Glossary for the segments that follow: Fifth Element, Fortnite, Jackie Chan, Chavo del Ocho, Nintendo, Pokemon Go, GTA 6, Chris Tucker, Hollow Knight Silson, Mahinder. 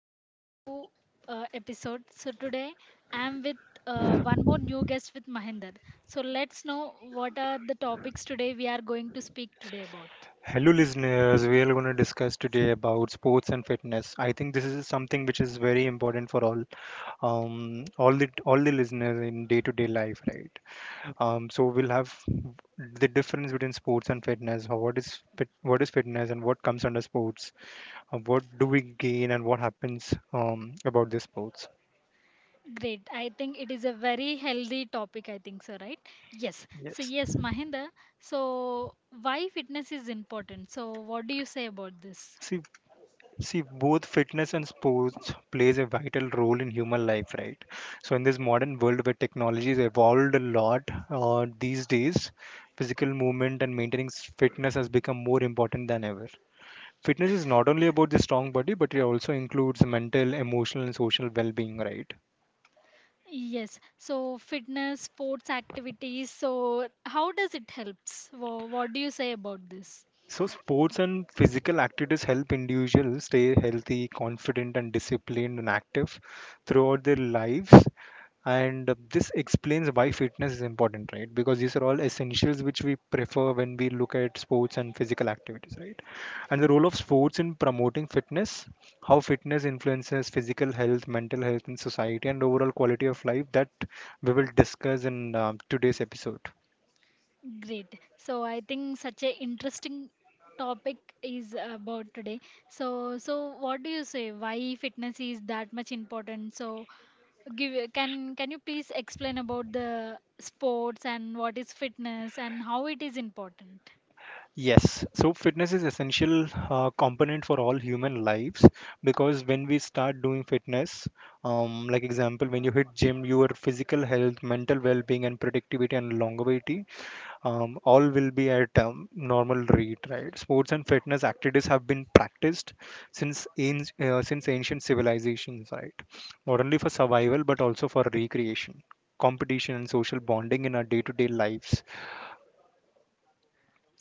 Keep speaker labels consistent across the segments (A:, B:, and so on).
A: one more new episode. So today I'm with one more new guest with Mahinder. So let's know what are the topics today we are going to speak today about.
B: Hello, listeners. We are going to discuss today about sports and fitness. I think this is something which is very important for all, all the listeners in day-to-day life, right? So we'll have the difference between sports and fitness. What is what is fitness and what comes under sports? What do we gain and what happens about the sports?
A: Great. I think it is a very healthy topic I think so, right? Yes. So
B: Yes.
A: yes, Mahinder. So why fitness is important. So what do you say about this?
B: See, See, both fitness and sports plays a vital role in human life, right? So in this modern world where technology has evolved a lot these days, physical movement and maintaining fitness has become more important than ever. Fitness is not only about the strong body, but it also includes mental, emotional, and social well-being, right?
A: Yes. So fitness, sports activities. So how does it helps? What do you say about this?
B: So, sports and physical activities help individuals stay healthy, confident, and disciplined and active throughout their lives. And this explains why fitness is important, right? Because these are all essentials which we prefer when we look at sports and physical activities, right? And the role of sports in promoting fitness, how fitness influences physical health, mental health, and society, and overall quality of life that we will discuss in today's episode.
A: Great. So I think such a interesting topic is about today. So so what do you say? Why fitness is that much important? So give can you please explain about the sports and what is fitness and how it is important?
B: Yes, so fitness is essential component for all human lives because when we start doing fitness, like example, when you hit gym, your physical health, mental well-being, and productivity and longevity, all will be at normal rate, right? Sports and fitness activities have been practiced since ancient civilizations, right? Not only for survival but also for recreation, competition, and social bonding in our day-to-day lives.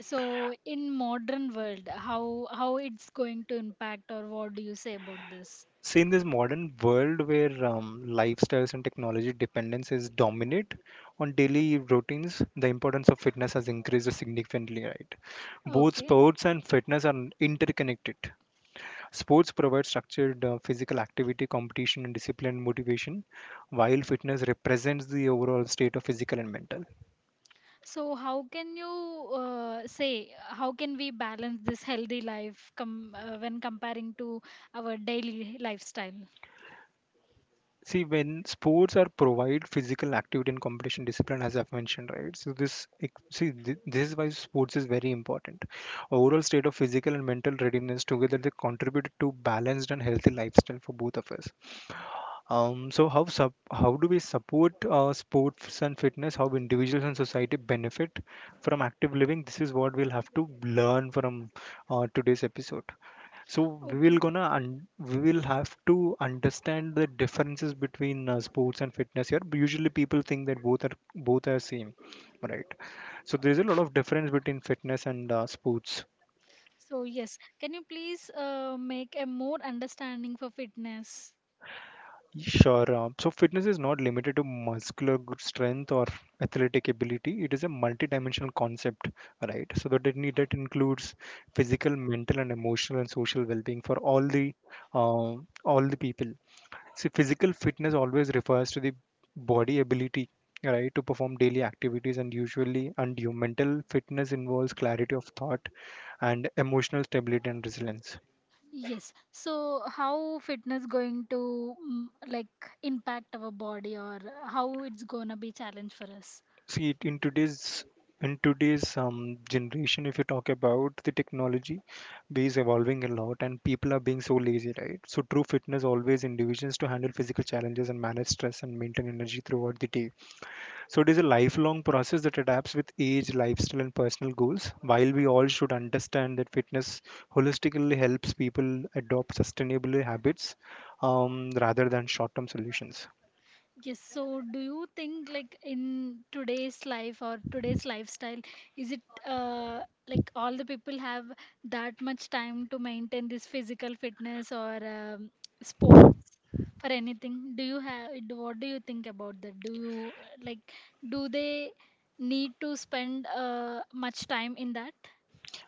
A: So in modern world, how it's going to impact or what do you say about this?
B: See, in this modern world where lifestyles and technology dependence is dominant on daily routines, the importance of fitness has increased significantly, right? Both
A: Okay.
B: sports and fitness are interconnected. Sports provide structured physical activity, competition, and discipline and motivation, while fitness represents the overall state of physical and mental.
A: So, how can you say how can we balance this healthy life when comparing to our daily lifestyle?
B: See, when sports are provide physical activity and competition discipline, as I've mentioned, right? So this this is why sports is very important. Overall state of physical and mental readiness together they contribute to balanced and healthy lifestyle for both of us. So how do we support sports and fitness? How individuals and society benefit from active living? This is what we'll have to learn from today's episode. So
A: Okay.
B: we will have to understand the differences between sports and fitness here. Usually people think that both are same, right? So there's a lot of difference between fitness and sports.
A: So, yes, can you please make a more understanding for fitness?
B: Sure. So fitness is not limited to muscular strength or athletic ability. It is a multidimensional concept, right? So that it, need- that includes physical, mental, and emotional and social well-being for all the people. See, physical fitness always refers to the body ability, right, to perform daily activities and usually undue. Mental fitness involves clarity of thought and emotional stability and resilience.
A: Yes. So, how fitness going to like impact our body or how it's gonna be challenge for us?
B: See, in today's generation, if you talk about the technology, we is evolving a lot, and people are being so lazy, right? So true fitness always individuals to handle physical challenges and manage stress and maintain energy throughout the day. So it is a lifelong process that adapts with age, lifestyle, and personal goals. While we all should understand that fitness holistically helps people adopt sustainable habits rather than short term solutions.
A: Yes, so do you think like in today's life or today's lifestyle, is it uh, like all the people have that much time to maintain this physical fitness or sports for anything? Do you have what do you think about that? Do you like do they need to spend much time in that?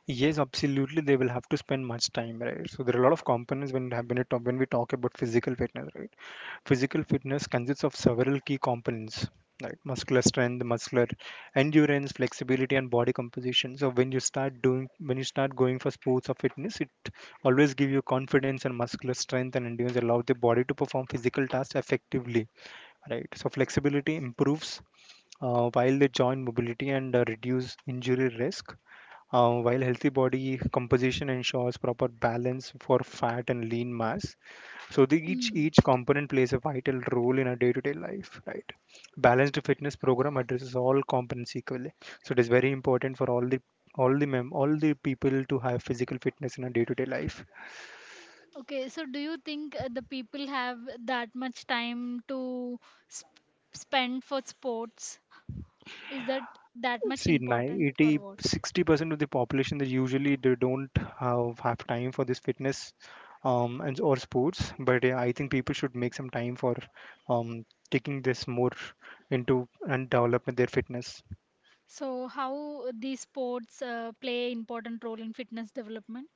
B: Yes, absolutely. They will have to spend much time, right? So there are a lot of components when you have- when, you when we talk about physical fitness, right? Physical fitness consists of several key components like muscular strength, muscular endurance, flexibility, and body composition. So when you start going for sports or fitness, it always give you confidence and muscular strength and endurance allow the body to perform physical tasks effectively. Right. So flexibility improves while they join mobility and reduce injury risk. While healthy body composition ensures proper balance for fat and lean mass, so the,
A: Mm.
B: each component plays a vital role in our day-to-day life, right? Balanced fitness program addresses all components equally. So it is very important for all the people to have physical fitness in our day-to-day life.
A: Okay, so do you think the people have that much time to sp spend for sports? Is that that much
B: See,
A: important or
B: 90,
A: what?
B: 60% of the population they usually they don't have time for this fitness and or sports. But yeah, I think people should make some time for um, taking this more into and developing their fitness.
A: So how these sports play important role in fitness development?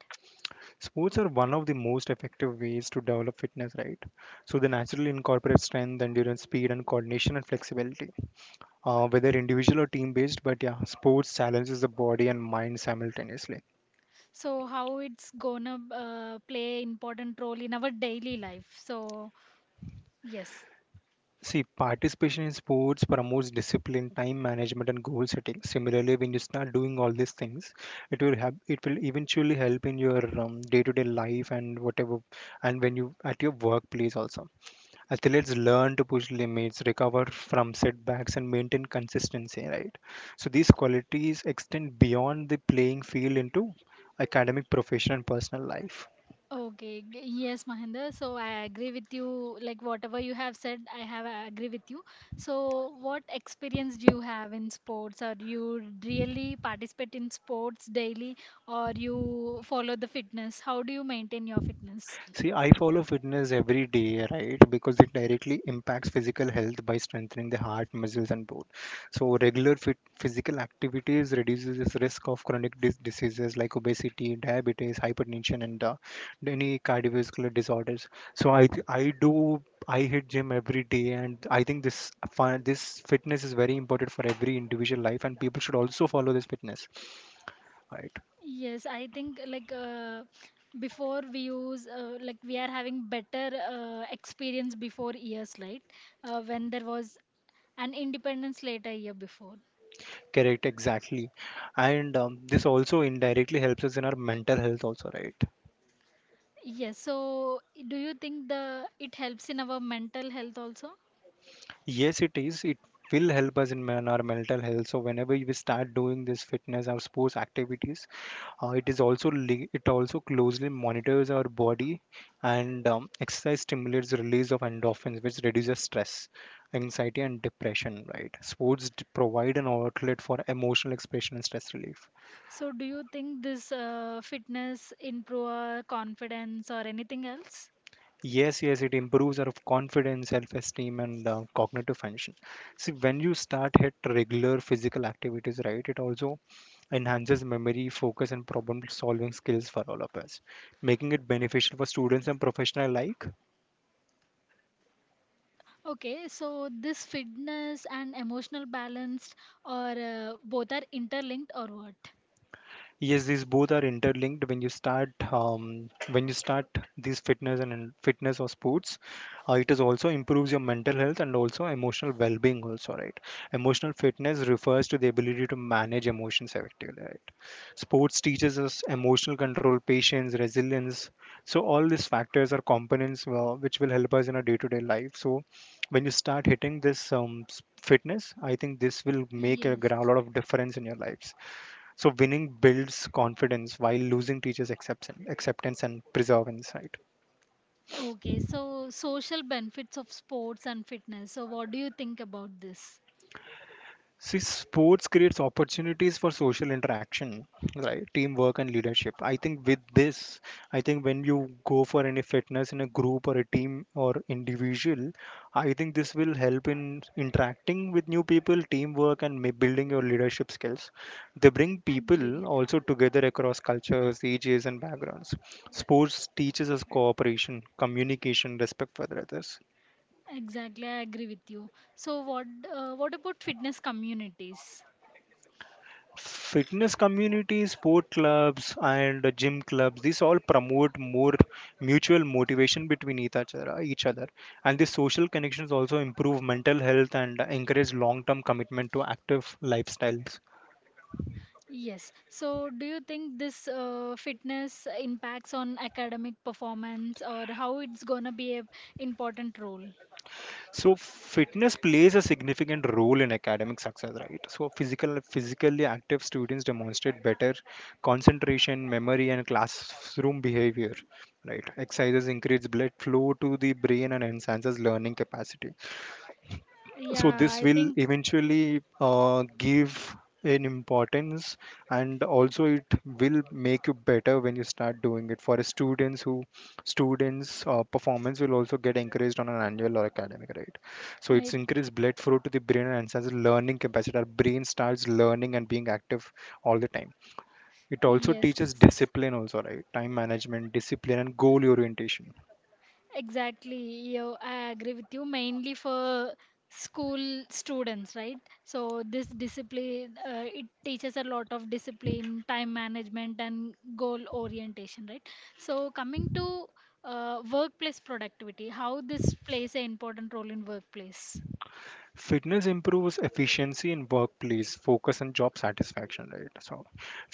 B: Sports are one of the most effective ways to develop fitness, right? So they naturally incorporate strength, endurance, speed, and coordination and flexibility, whether individual or team based. But yeah, sports challenges the body and mind simultaneously.
A: So how it's gonna play important role in our daily life? So yes.
B: See, participation in sports promotes discipline, time management, and goal setting. Similarly, when you start doing all these things, it will eventually help in your day-to-day life and whatever, and when you at your workplace also. Athletes learn to push limits, recover from setbacks, and maintain consistency, right? So these qualities extend beyond the playing field into academic, professional, and personal life.
A: Okay, yes Mahinder, so I agree with you. Like whatever you have said, I agree with you. So what experience do you have in sports, or you really participate in sports daily, or you follow the fitness? How do you maintain your fitness?
B: See, I follow fitness every day, right? Because it directly impacts physical health by strengthening the heart, muscles, and bone. So, physical activities reduces this risk of chronic diseases like obesity, diabetes, hypertension, and any cardiovascular disorders. So, I do. I hit gym every day, and I think this fitness is very important for every individual life, and people should also follow this fitness, right?
A: Yes, I think like before we use like we are having better experience before years, right? When there was an independence later year before.
B: Correct, exactly. And this also indirectly helps us in our mental health, also, right?
A: Yes, so do you think the it helps in our mental health also?
B: Yes, it is. It will help us in our mental health. So whenever we start doing this fitness or sports activities, it also closely monitors our body, and exercise stimulates the release of endorphins, which reduces stress, anxiety, and depression. Right? Sports provide an outlet for emotional expression and stress relief.
A: So do you think this fitness improve our confidence or anything else?
B: Yes, yes, it improves our confidence, self-esteem, and cognitive function. See, when you start hit regular physical activities, right, it also enhances memory, focus, and problem-solving skills for all of us, making it beneficial for students and professional alike.
A: Okay, so this fitness and emotional balanced or both are interlinked or what?
B: Yes, these both are interlinked when you start these fitness and fitness or sports. It is also improves your mental health and also emotional well-being also, right? Emotional fitness refers to the ability to manage emotions effectively, right? Sports teaches us emotional control, patience, resilience. So all these factors are components which will help us in our day-to-day life. So when you start hitting this fitness, I think this will make
A: Yes.
B: lot of difference in your lives. So winning builds confidence, while losing teaches acceptance and preserve insight.
A: Okay, so social benefits of sports and fitness. So, what do you think about this?
B: See, sports creates opportunities for social interaction, right? Teamwork and leadership. I think with this, I think when you go for any fitness in a group or a team or individual, I think this will help in interacting with new people, teamwork, and may building your leadership skills. They bring
A: Agree.
B: people also together across cultures, ages, and backgrounds. Sports teaches us cooperation, communication, respect for others.
A: Exactly, I agree with you. So, what about fitness communities?
B: Fitness communities, sport clubs, and gym clubs, these all promote more mutual motivation between each other, and these social connections also improve mental health and encourage long term commitment to active lifestyles.
A: Yes. So, do you think this fitness impacts on academic performance, or how it's gonna be a important role?
B: So fitness plays a significant role in academic success, right? So physically active students demonstrate better concentration, memory, and classroom behavior, right? Exercises increase blood flow to the brain and enhances learning capacity. So
A: Yeah,
B: this
A: I
B: will
A: think
B: eventually give an importance, and also it will make you better when you start doing it for students. Performance will also get encouraged on an annual or academic, right? So it's
A: I
B: increased blood flow to the brain and enhances learning capacity. Our brain starts learning and being active all the time. It also
A: yes.
B: teaches discipline also, right? Time management, discipline, and goal orientation.
A: Exactly. Yeah, I agree with you. Mainly for school students, right? So this discipline, it teaches a lot of discipline, time management, and goal orientation, right? So coming to workplace productivity, how this plays an important role in workplace.
B: Fitness improves efficiency in workplace, focus, and job satisfaction, right? So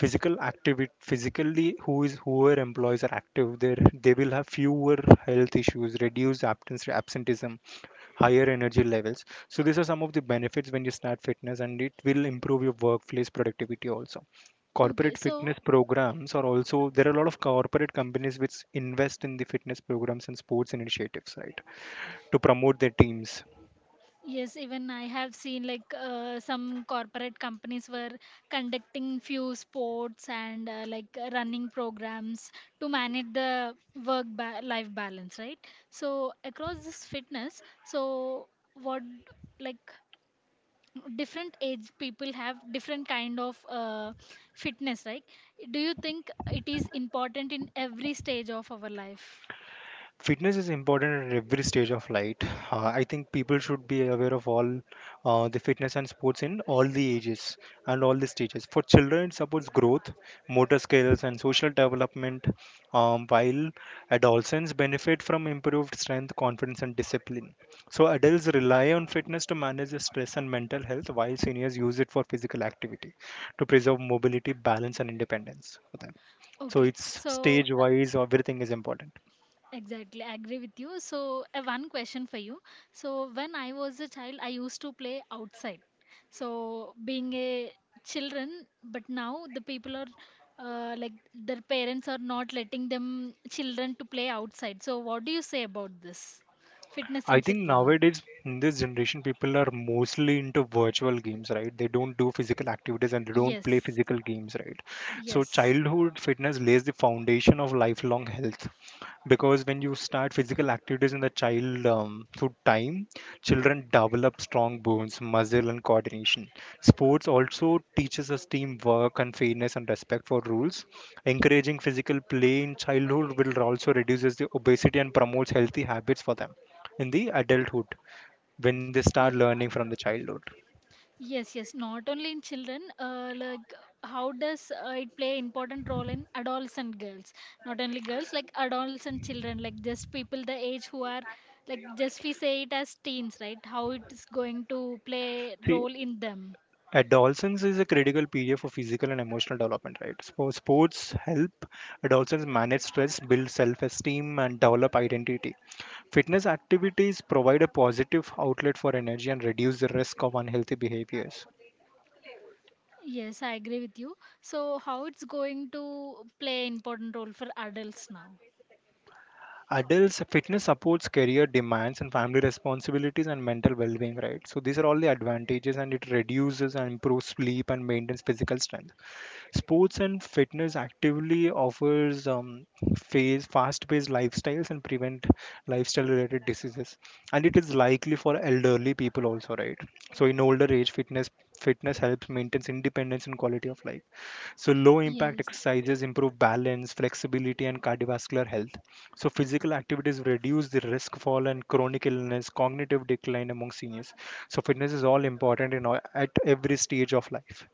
B: physically whoever employees are active there, they will have fewer health issues, reduced absence absenteeism, higher energy levels. So these are some of the benefits when you start fitness, and it will improve your workplace productivity also.
A: Okay,
B: Corporate
A: so
B: fitness programs are also, there are a lot of corporate companies which invest in the fitness programs and sports initiatives, right, to promote their teams.
A: yes, even I have seen like some corporate companies were conducting few sports and like running programs to manage the life balance, right? So across this fitness, so what like different age people have different kind of fitness, right? Do you think it is important in every stage of our life?
B: Fitness is important at every stage of life. I think people should be aware of all the fitness and sports in all the ages and all the stages. For children, it supports growth, motor skills, and social development. While adolescents benefit from improved strength, confidence, and discipline. So adults rely on fitness to manage the stress and mental health, while seniors use it for physical activity to preserve mobility, balance, and independence for them. So
A: Okay,
B: it's
A: so
B: stage wise everything is important.
A: exactly, I agree with you. So, one question for you. So, when I was a child, I used to play outside. So, being a children, but now the people are like their parents are not letting them children to play outside. So, what do you say about this? Fitness
B: I
A: in
B: think
A: children.
B: nowadays in this generation, people are mostly into virtual games, right? They don't do physical activities and they don't play
A: Yes,
B: physical games, right? So,
A: yes.
B: childhood fitness lays the foundation of lifelong health, because when you start physical activities in the child through time, children develop strong bones, muscle, and coordination. Sports also teaches us teamwork and fairness and respect for rules. Encouraging physical play in childhood will also reduces the obesity and promotes healthy habits for them in the adulthood, when they start learning from the childhood.
A: Yes, yes, not only in children, like how does it play important role in adolescent girls? Not only girls, like adolescent children, like just people the age who are like just we say it as teens, right? How it is going to play
B: See,
A: role in them.
B: adolescence is a critical period for physical and emotional development, right? So sports help adolescents manage stress, build self-esteem, and develop identity. Fitness activities provide a positive outlet for energy and reduce the risk of unhealthy behaviors.
A: Yes, I agree with you. So how it's going to play important role for adults now?
B: Adults, fitness supports career demands and family responsibilities and mental well being, right? So, these are all the advantages, and it reduces and improves sleep and maintains physical strength. Sports and fitness actively offers phase, fast-paced lifestyles and prevent lifestyle-related diseases. And it is likely for elderly people also, right? So in older age, fitness helps maintains independence and quality of life. So low impact
A: Yes.
B: exercises improve balance, flexibility, and cardiovascular health. So physical activities reduce the risk for and chronic illness, cognitive decline among seniors. So fitness is all important, in all, at every stage of life.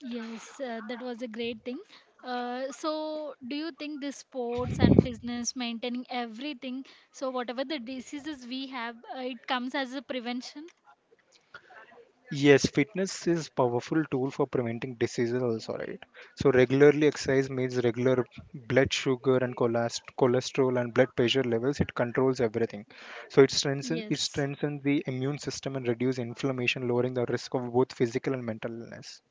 A: Yes, that was a great thing. So, do you think the sports and fitness maintaining everything? So, whatever the diseases we have, it comes as a prevention.
B: Yes, fitness is powerful tool for preventing diseases also, right? So regularly exercise means regular blood sugar and cholesterol and blood pressure levels. It controls everything. So it strengthens it
A: Yes.
B: strengthens the immune system and reduce inflammation, lowering the risk of both physical and mental illness.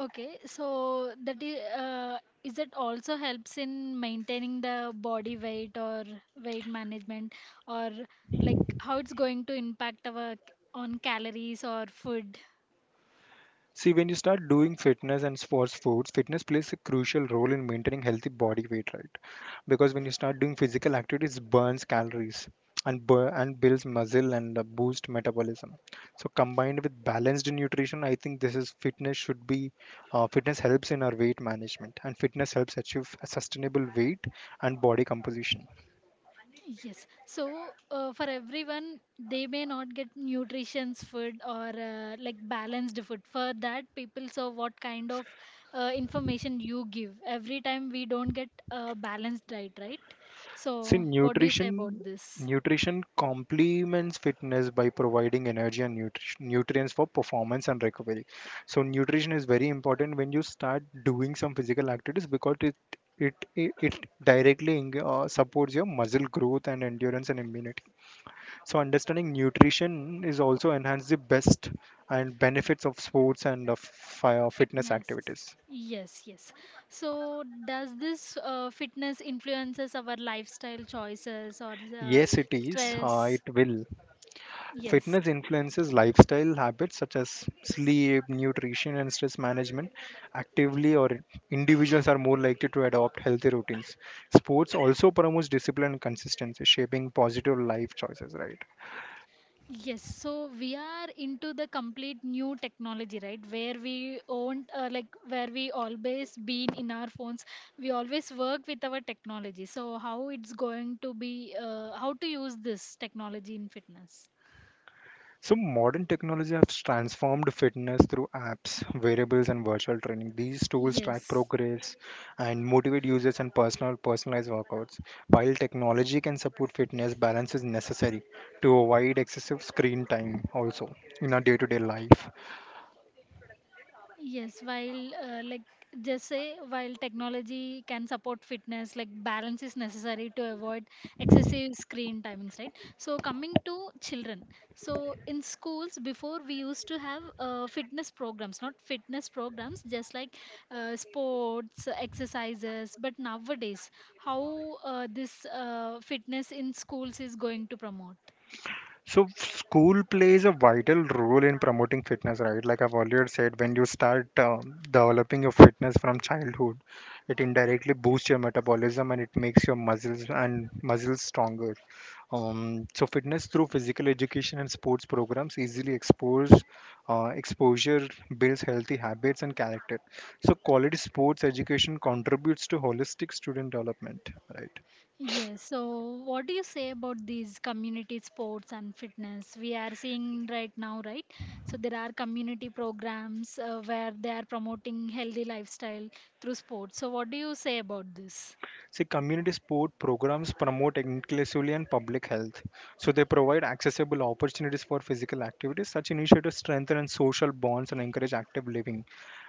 A: Okay. So that is it also helps in maintaining the body weight or weight management or like how it's going to impact our on calories or food?
B: See, when you start doing fitness and sports foods, fitness plays a crucial role in maintaining healthy body weight, right? Because when you start doing physical activities, it burns calories and and builds muscle and boost metabolism. So combined with balanced nutrition, I think this is fitness should be, fitness helps in our weight management, and fitness helps achieve a sustainable weight and body composition.
A: Yes. So for everyone, they may not get nutritious food or like balanced food. For that, people saw what kind of information you give. Every time we don't get a balanced diet, right?
B: See,
A: So what do you say about
B: nutrition
A: this?
B: nutrition complements fitness by providing energy and nutrients for performance and recovery. So nutrition is very important when you start doing some physical activities, because it directly supports your muscle growth and endurance and immunity. So understanding nutrition is also enhance the best and benefits of sports and of fitness
A: Fitness.
B: activities.
A: Yes, yes. So does this fitness influences our lifestyle choices or
B: Yes, it is. Uh,
A: stress?
B: it will.
A: Yes.
B: Fitness influences lifestyle habits such as sleep, nutrition, and stress management. Actively, or individuals are more likely to adopt healthy routines. Sports also promotes discipline and consistency, shaping positive life choices, right?
A: Yes, so we are into the complete new technology, right? Where we own, like, where we always been in our phones. We always work with our technology. So, how it's going to be, how to use this technology in fitness?
B: So modern technology has transformed fitness through apps, wearables, and virtual training. These tools track
A: Yes.
B: progress and motivate users and personalized workouts. While technology can support fitness, balance is necessary to avoid excessive screen time also in our day-to-day life.
A: Yes, while like just say while technology can support fitness, like balance is necessary to avoid excessive screen timings, right? So coming to children, so in schools before we used to have fitness programs, not fitness programs, just like sports exercises. But nowadays, how this fitness in schools is going to promote?
B: So school plays a vital role in promoting fitness, right? Like I've earlier said, when you start developing your fitness from childhood, it indirectly boosts your metabolism and it makes your muscles stronger. So fitness through physical education and sports programs easily expose, exposure builds healthy habits and character. So quality sports education contributes to holistic student development, right?
A: Yes, so what do you say about these community sports and fitness we are seeing right now, right? So there are community programs where they are promoting healthy lifestyle through sports. So what do you say about this?
B: See, community sport programs promote inclusivity and public health. So they provide accessible opportunities for physical activities. Such initiatives strengthen and social bonds and encourage active living.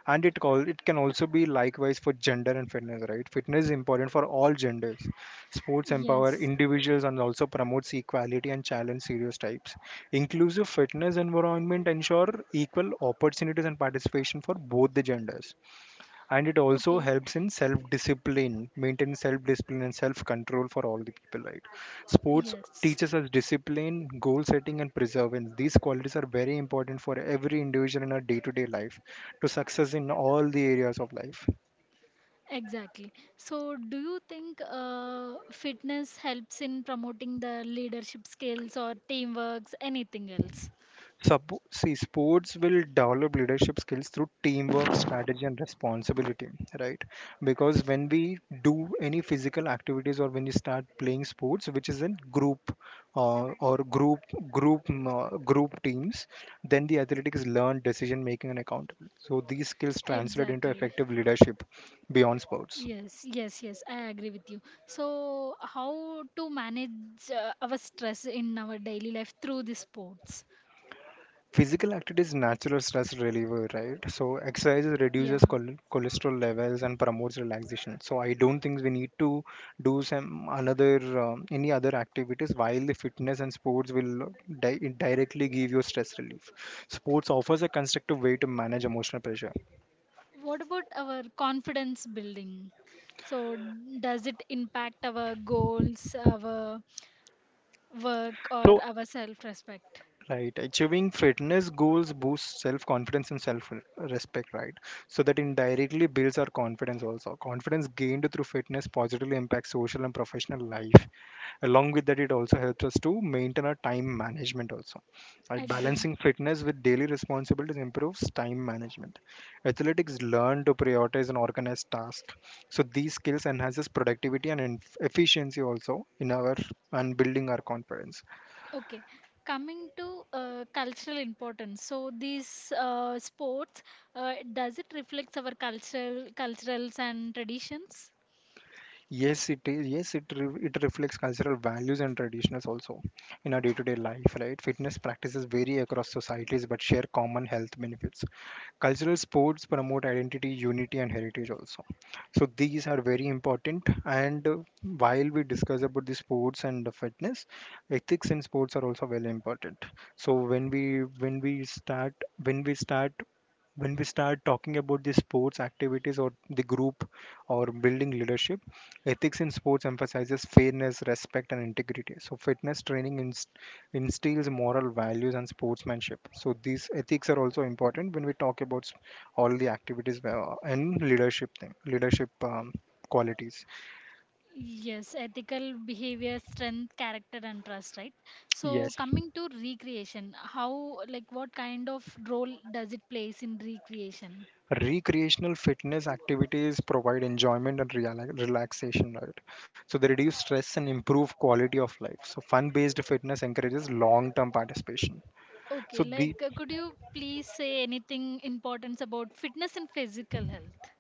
B: And it call it can also be likewise for gender and fitness, right? Fitness is important for all genders. Sports empower
A: Yes.
B: individuals and also promotes equality and challenge stereotypes. Inclusive fitness environment ensure equal opportunities and participation for both the genders, and it also
A: Okay.
B: helps in self discipline, maintain self discipline and self control for all the people, right? Sports
A: Yes.
B: teaches us discipline, goal setting, and perseverance. These qualities are very important for every individual in our day to day life, to success in all the areas of life.
A: Exactly. So do you think fitness helps in promoting the leadership skills or teamworks, anything else?
B: See, sports will develop leadership skills through teamwork, strategy, and responsibility, right? Because when we do any physical activities, or when you start playing sports, which is in group, or group group mm, group teams, then the athletic is learned decision making and accountability. So these skills translate into
A: Exactly.
B: effective leadership beyond sports.
A: Yes, yes, yes, I agree with you. So, how to manage our stress in our daily life through the sports?
B: Physical activity is natural stress reliever, right? So exercise reduces
A: Yeah.
B: cholesterol levels and promotes relaxation. So I don't think we need to do some another any other activities, while the fitness and sports will di- directly give you stress relief. Sports offers a constructive way to manage emotional pressure.
A: What about our confidence building? So, does it impact our goals, our work, or
B: So.
A: our self respect?
B: Right. Achieving fitness goals boosts self confidence and self respect, right? So that indirectly builds our confidence also. Confidence gained through fitness positively impacts social and professional life. Along with that, it also helps us to maintain our time management also. Right?
A: Agree.
B: Balancing fitness with daily responsibilities improves time management. Athletics learn to prioritize and organize tasks. So these skills enhances productivity and efficiency also in our and building our confidence.
A: Okay. Coming to cultural importance, so these sports, does it reflect our cultural culturals and traditions?
B: Yes, it is. Yes, it reflects cultural values and traditions also in our day-to-day life, right? Fitness practices vary across societies but share common health benefits. Cultural sports promote identity, unity, and heritage also. So these are very important. And while we discuss about the sports and the fitness, ethics in sports are also very important. So when we start when we start when we start talking about the sports activities or the group or building leadership, ethics in sports emphasizes fairness, respect, and integrity. So fitness training instills moral values and sportsmanship. So these ethics are also important when we talk about all the activities, and leadership thing, leadership qualities.
A: Yes, ethical behavior, strength, character, and trust, right? So,
B: Yes,
A: coming to recreation, how, like, what kind of role does it plays in recreation?
B: recreational fitness activities provide enjoyment and relaxation, right? So they reduce stress and improve quality of life. So fun based fitness encourages long term participation.
A: Okay,
B: so the
A: like, could you please say anything importance about fitness and physical health?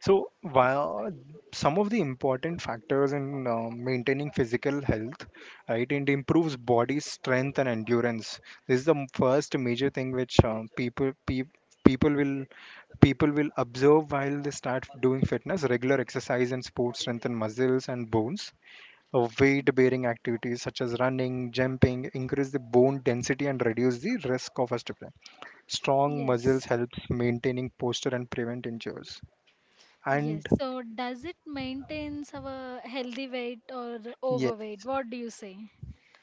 B: So, while some of the important factors in maintaining physical health, right, it improves body strength and endurance. This is the first major thing which people will people will observe while they start doing fitness. Regular exercise and sports strengthen muscles and bones. Weight-bearing activities such as running, jumping increase the bone density and reduce the risk of osteopenia. Strong muscles
A: Yes,
B: helps maintaining posture and prevent injuries,
A: yes.
B: and
A: So, does it maintains our healthy weight or
B: yes.
A: overweight? What do you say?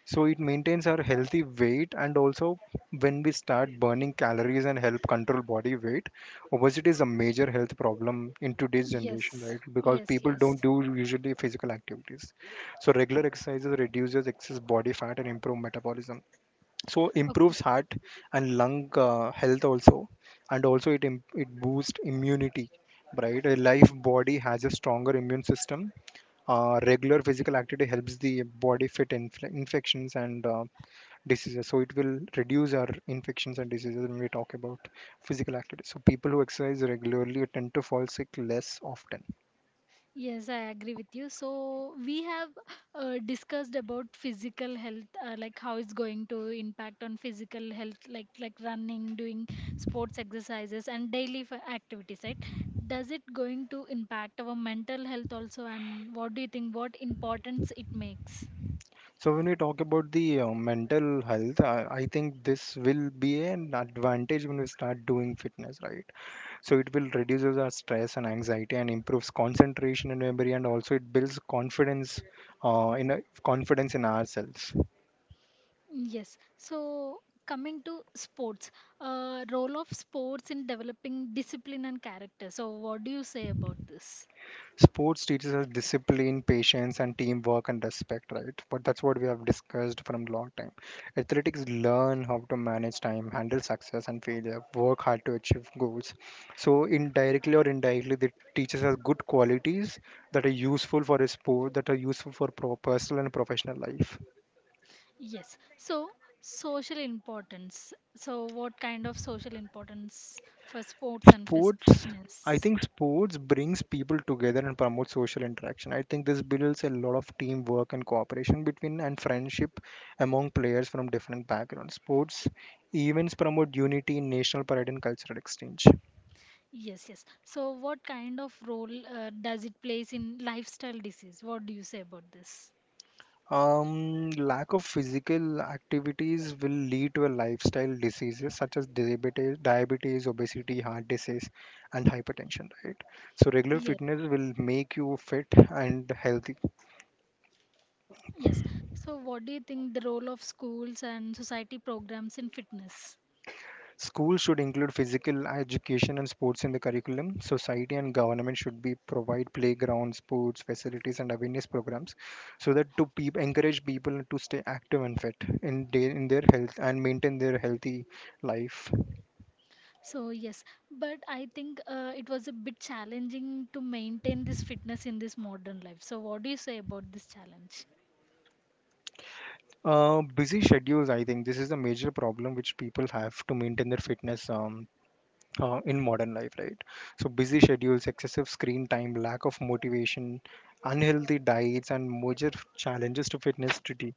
B: So it maintains our healthy weight, and also when we start burning calories and help control body weight, obesity is a major health problem in today's generation,
A: Yes,
B: right? Because
A: yes,
B: people
A: yes.
B: don't do usually physical activities. So regular exercises reduces excess body fat and improve metabolism, so
A: Okay.
B: improves heart and lung, health also, and also it boosts immunity, right? A life body has a stronger immune system. Regular physical activity helps the body fit infections and diseases. So it will reduce our infections and diseases when we talk about physical activity. So people who exercise regularly tend to fall sick less often.
A: Yes, I agree with you. So we have discussed about physical health, like how it's going to impact on physical health, like running, doing sports exercises, and daily activities. Right? Does it going to impact our mental health also? And what do you think? What importance it makes?
B: So when we talk about the mental health, I think this will be an advantage when we start doing fitness, right? So it will reduces our stress and anxiety and improves concentration and memory, and also it builds confidence, confidence in ourselves.
A: Yes. So coming to sports, role of sports in developing discipline and character. So what do you say about this?
B: Sports teaches us discipline, patience, and teamwork and respect, right? But that's what we have discussed from long time. Athletics learn how to manage time, handle success and failure, work hard to achieve goals. So indirectly or indirectly, they teaches us good qualities that are useful for a sport, that are useful for personal and professional life.
A: Yes. So, social importance. So, what kind of social importance for sports and
B: Sports, I
A: fitness?
B: think sports brings people together and promotes social interaction. I think this builds a lot of teamwork and cooperation between and friendship among players from different backgrounds. Sports events promote unity, in national pride, and cultural exchange.
A: Yes, yes. So, what kind of role does it plays in lifestyle disease? What do you say about this?
B: Lack of physical activities will lead to a lifestyle diseases such as diabetes, diabetes, obesity, heart disease, and hypertension. Right. So regular
A: Yes,
B: fitness will make you fit and healthy.
A: yes. So, what do you think the role of schools and society programs in fitness?
B: Schools should include physical education and sports in the curriculum. Society and government should be provide playgrounds, sports facilities, and awareness programs, so that to peop encourage people to stay active and fit in day in their health and maintain their healthy life.
A: So, yes, but I think it was a bit challenging to maintain this fitness in this modern life. So, what do you say about this challenge?
B: Busy schedules. I think this is a major problem which people have to maintain their fitness. In modern life, right? So busy schedules, excessive screen time, lack of motivation, unhealthy diets, and major challenges to fitness today.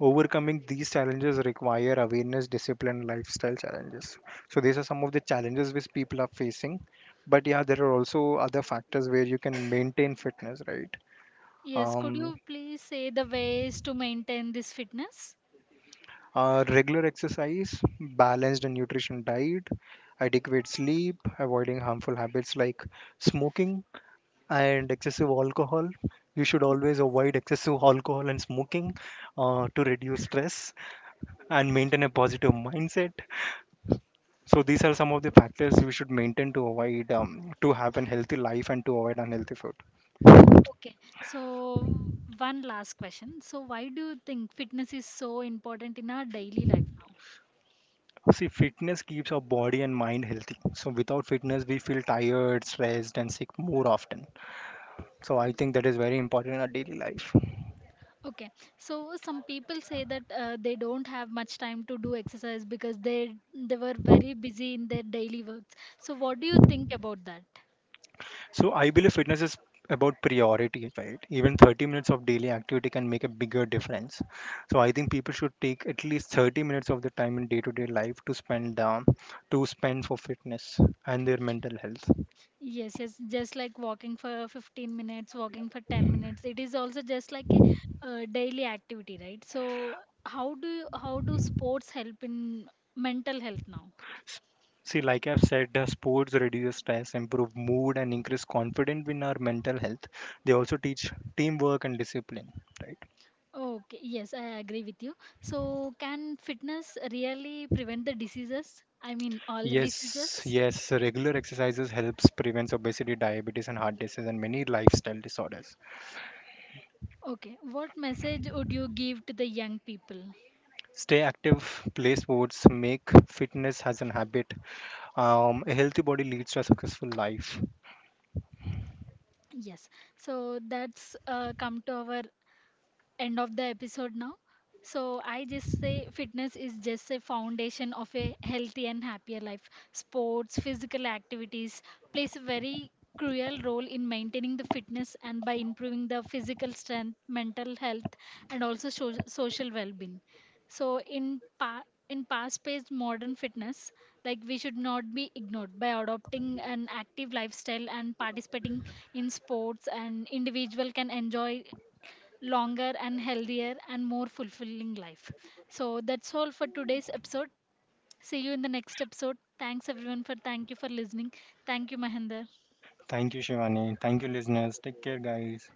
B: Overcoming these challenges require awareness, discipline, and lifestyle challenges. So these are some of the challenges which people are facing. But yeah, there are also other factors where you can maintain fitness, right?
A: Yes, could
B: Um,
A: you please say the ways to maintain this fitness?
B: regular exercise, balanced and nutrition diet, adequate sleep, avoiding harmful habits like smoking and excessive alcohol. You should always avoid excessive alcohol and smoking, to reduce stress and maintain a positive mindset. So these are some of the factors we should maintain to avoid, to have an healthy life and to avoid unhealthy food.
A: Okay, so one last question. So, why do you think fitness is so important in our daily life now?
B: See, fitness keeps our body and mind healthy. So without fitness, we feel tired, stressed, and sick more often. So I think that is very important in our daily life.
A: Okay, so some people say that they don't have much time to do exercise because they were very busy in their daily works. So, what do you think about that?
B: So I believe fitness is about priority, right? Even 30 minutes of daily activity can make a bigger difference. So I think people should take at least 30 minutes of their time in day-to-day life to spend, to spend for fitness and their mental health.
A: Yes, yes, just like walking for 15 minutes, walking for 10 minutes. It is also just like a daily activity, right? So how do you, how do sports help in mental health now?
B: S- See, like I've said, sports reduce stress, improve mood, and increase confidence in our mental health. They also teach teamwork and discipline, right?
A: Okay, yes, I agree with you. So can fitness really prevent the diseases? I mean, all the
B: Yes,
A: diseases?
B: yes, regular exercises helps prevents obesity, diabetes, and heart disease, and many lifestyle disorders.
A: Okay, what message would you give to the young people?
B: Stay active, play sports, make fitness as an habit. A healthy body leads to a successful life.
A: Yes, so that's come to our end of the episode now. So I just say fitness is just a foundation of a healthy and happier life. Sports, physical activities plays a very crucial role in maintaining the fitness and by improving the physical strength, mental health and also social well-being. So in in past-paced modern fitness, like we should not be ignored by adopting an active lifestyle and participating in sports and individual can enjoy longer and healthier and more fulfilling life. So that's all for today's episode. See you in the next episode. Thanks everyone for thank you for listening. Thank you Mahinder.
B: Thank you, Shivani. Thank you, listeners. Take care, guys.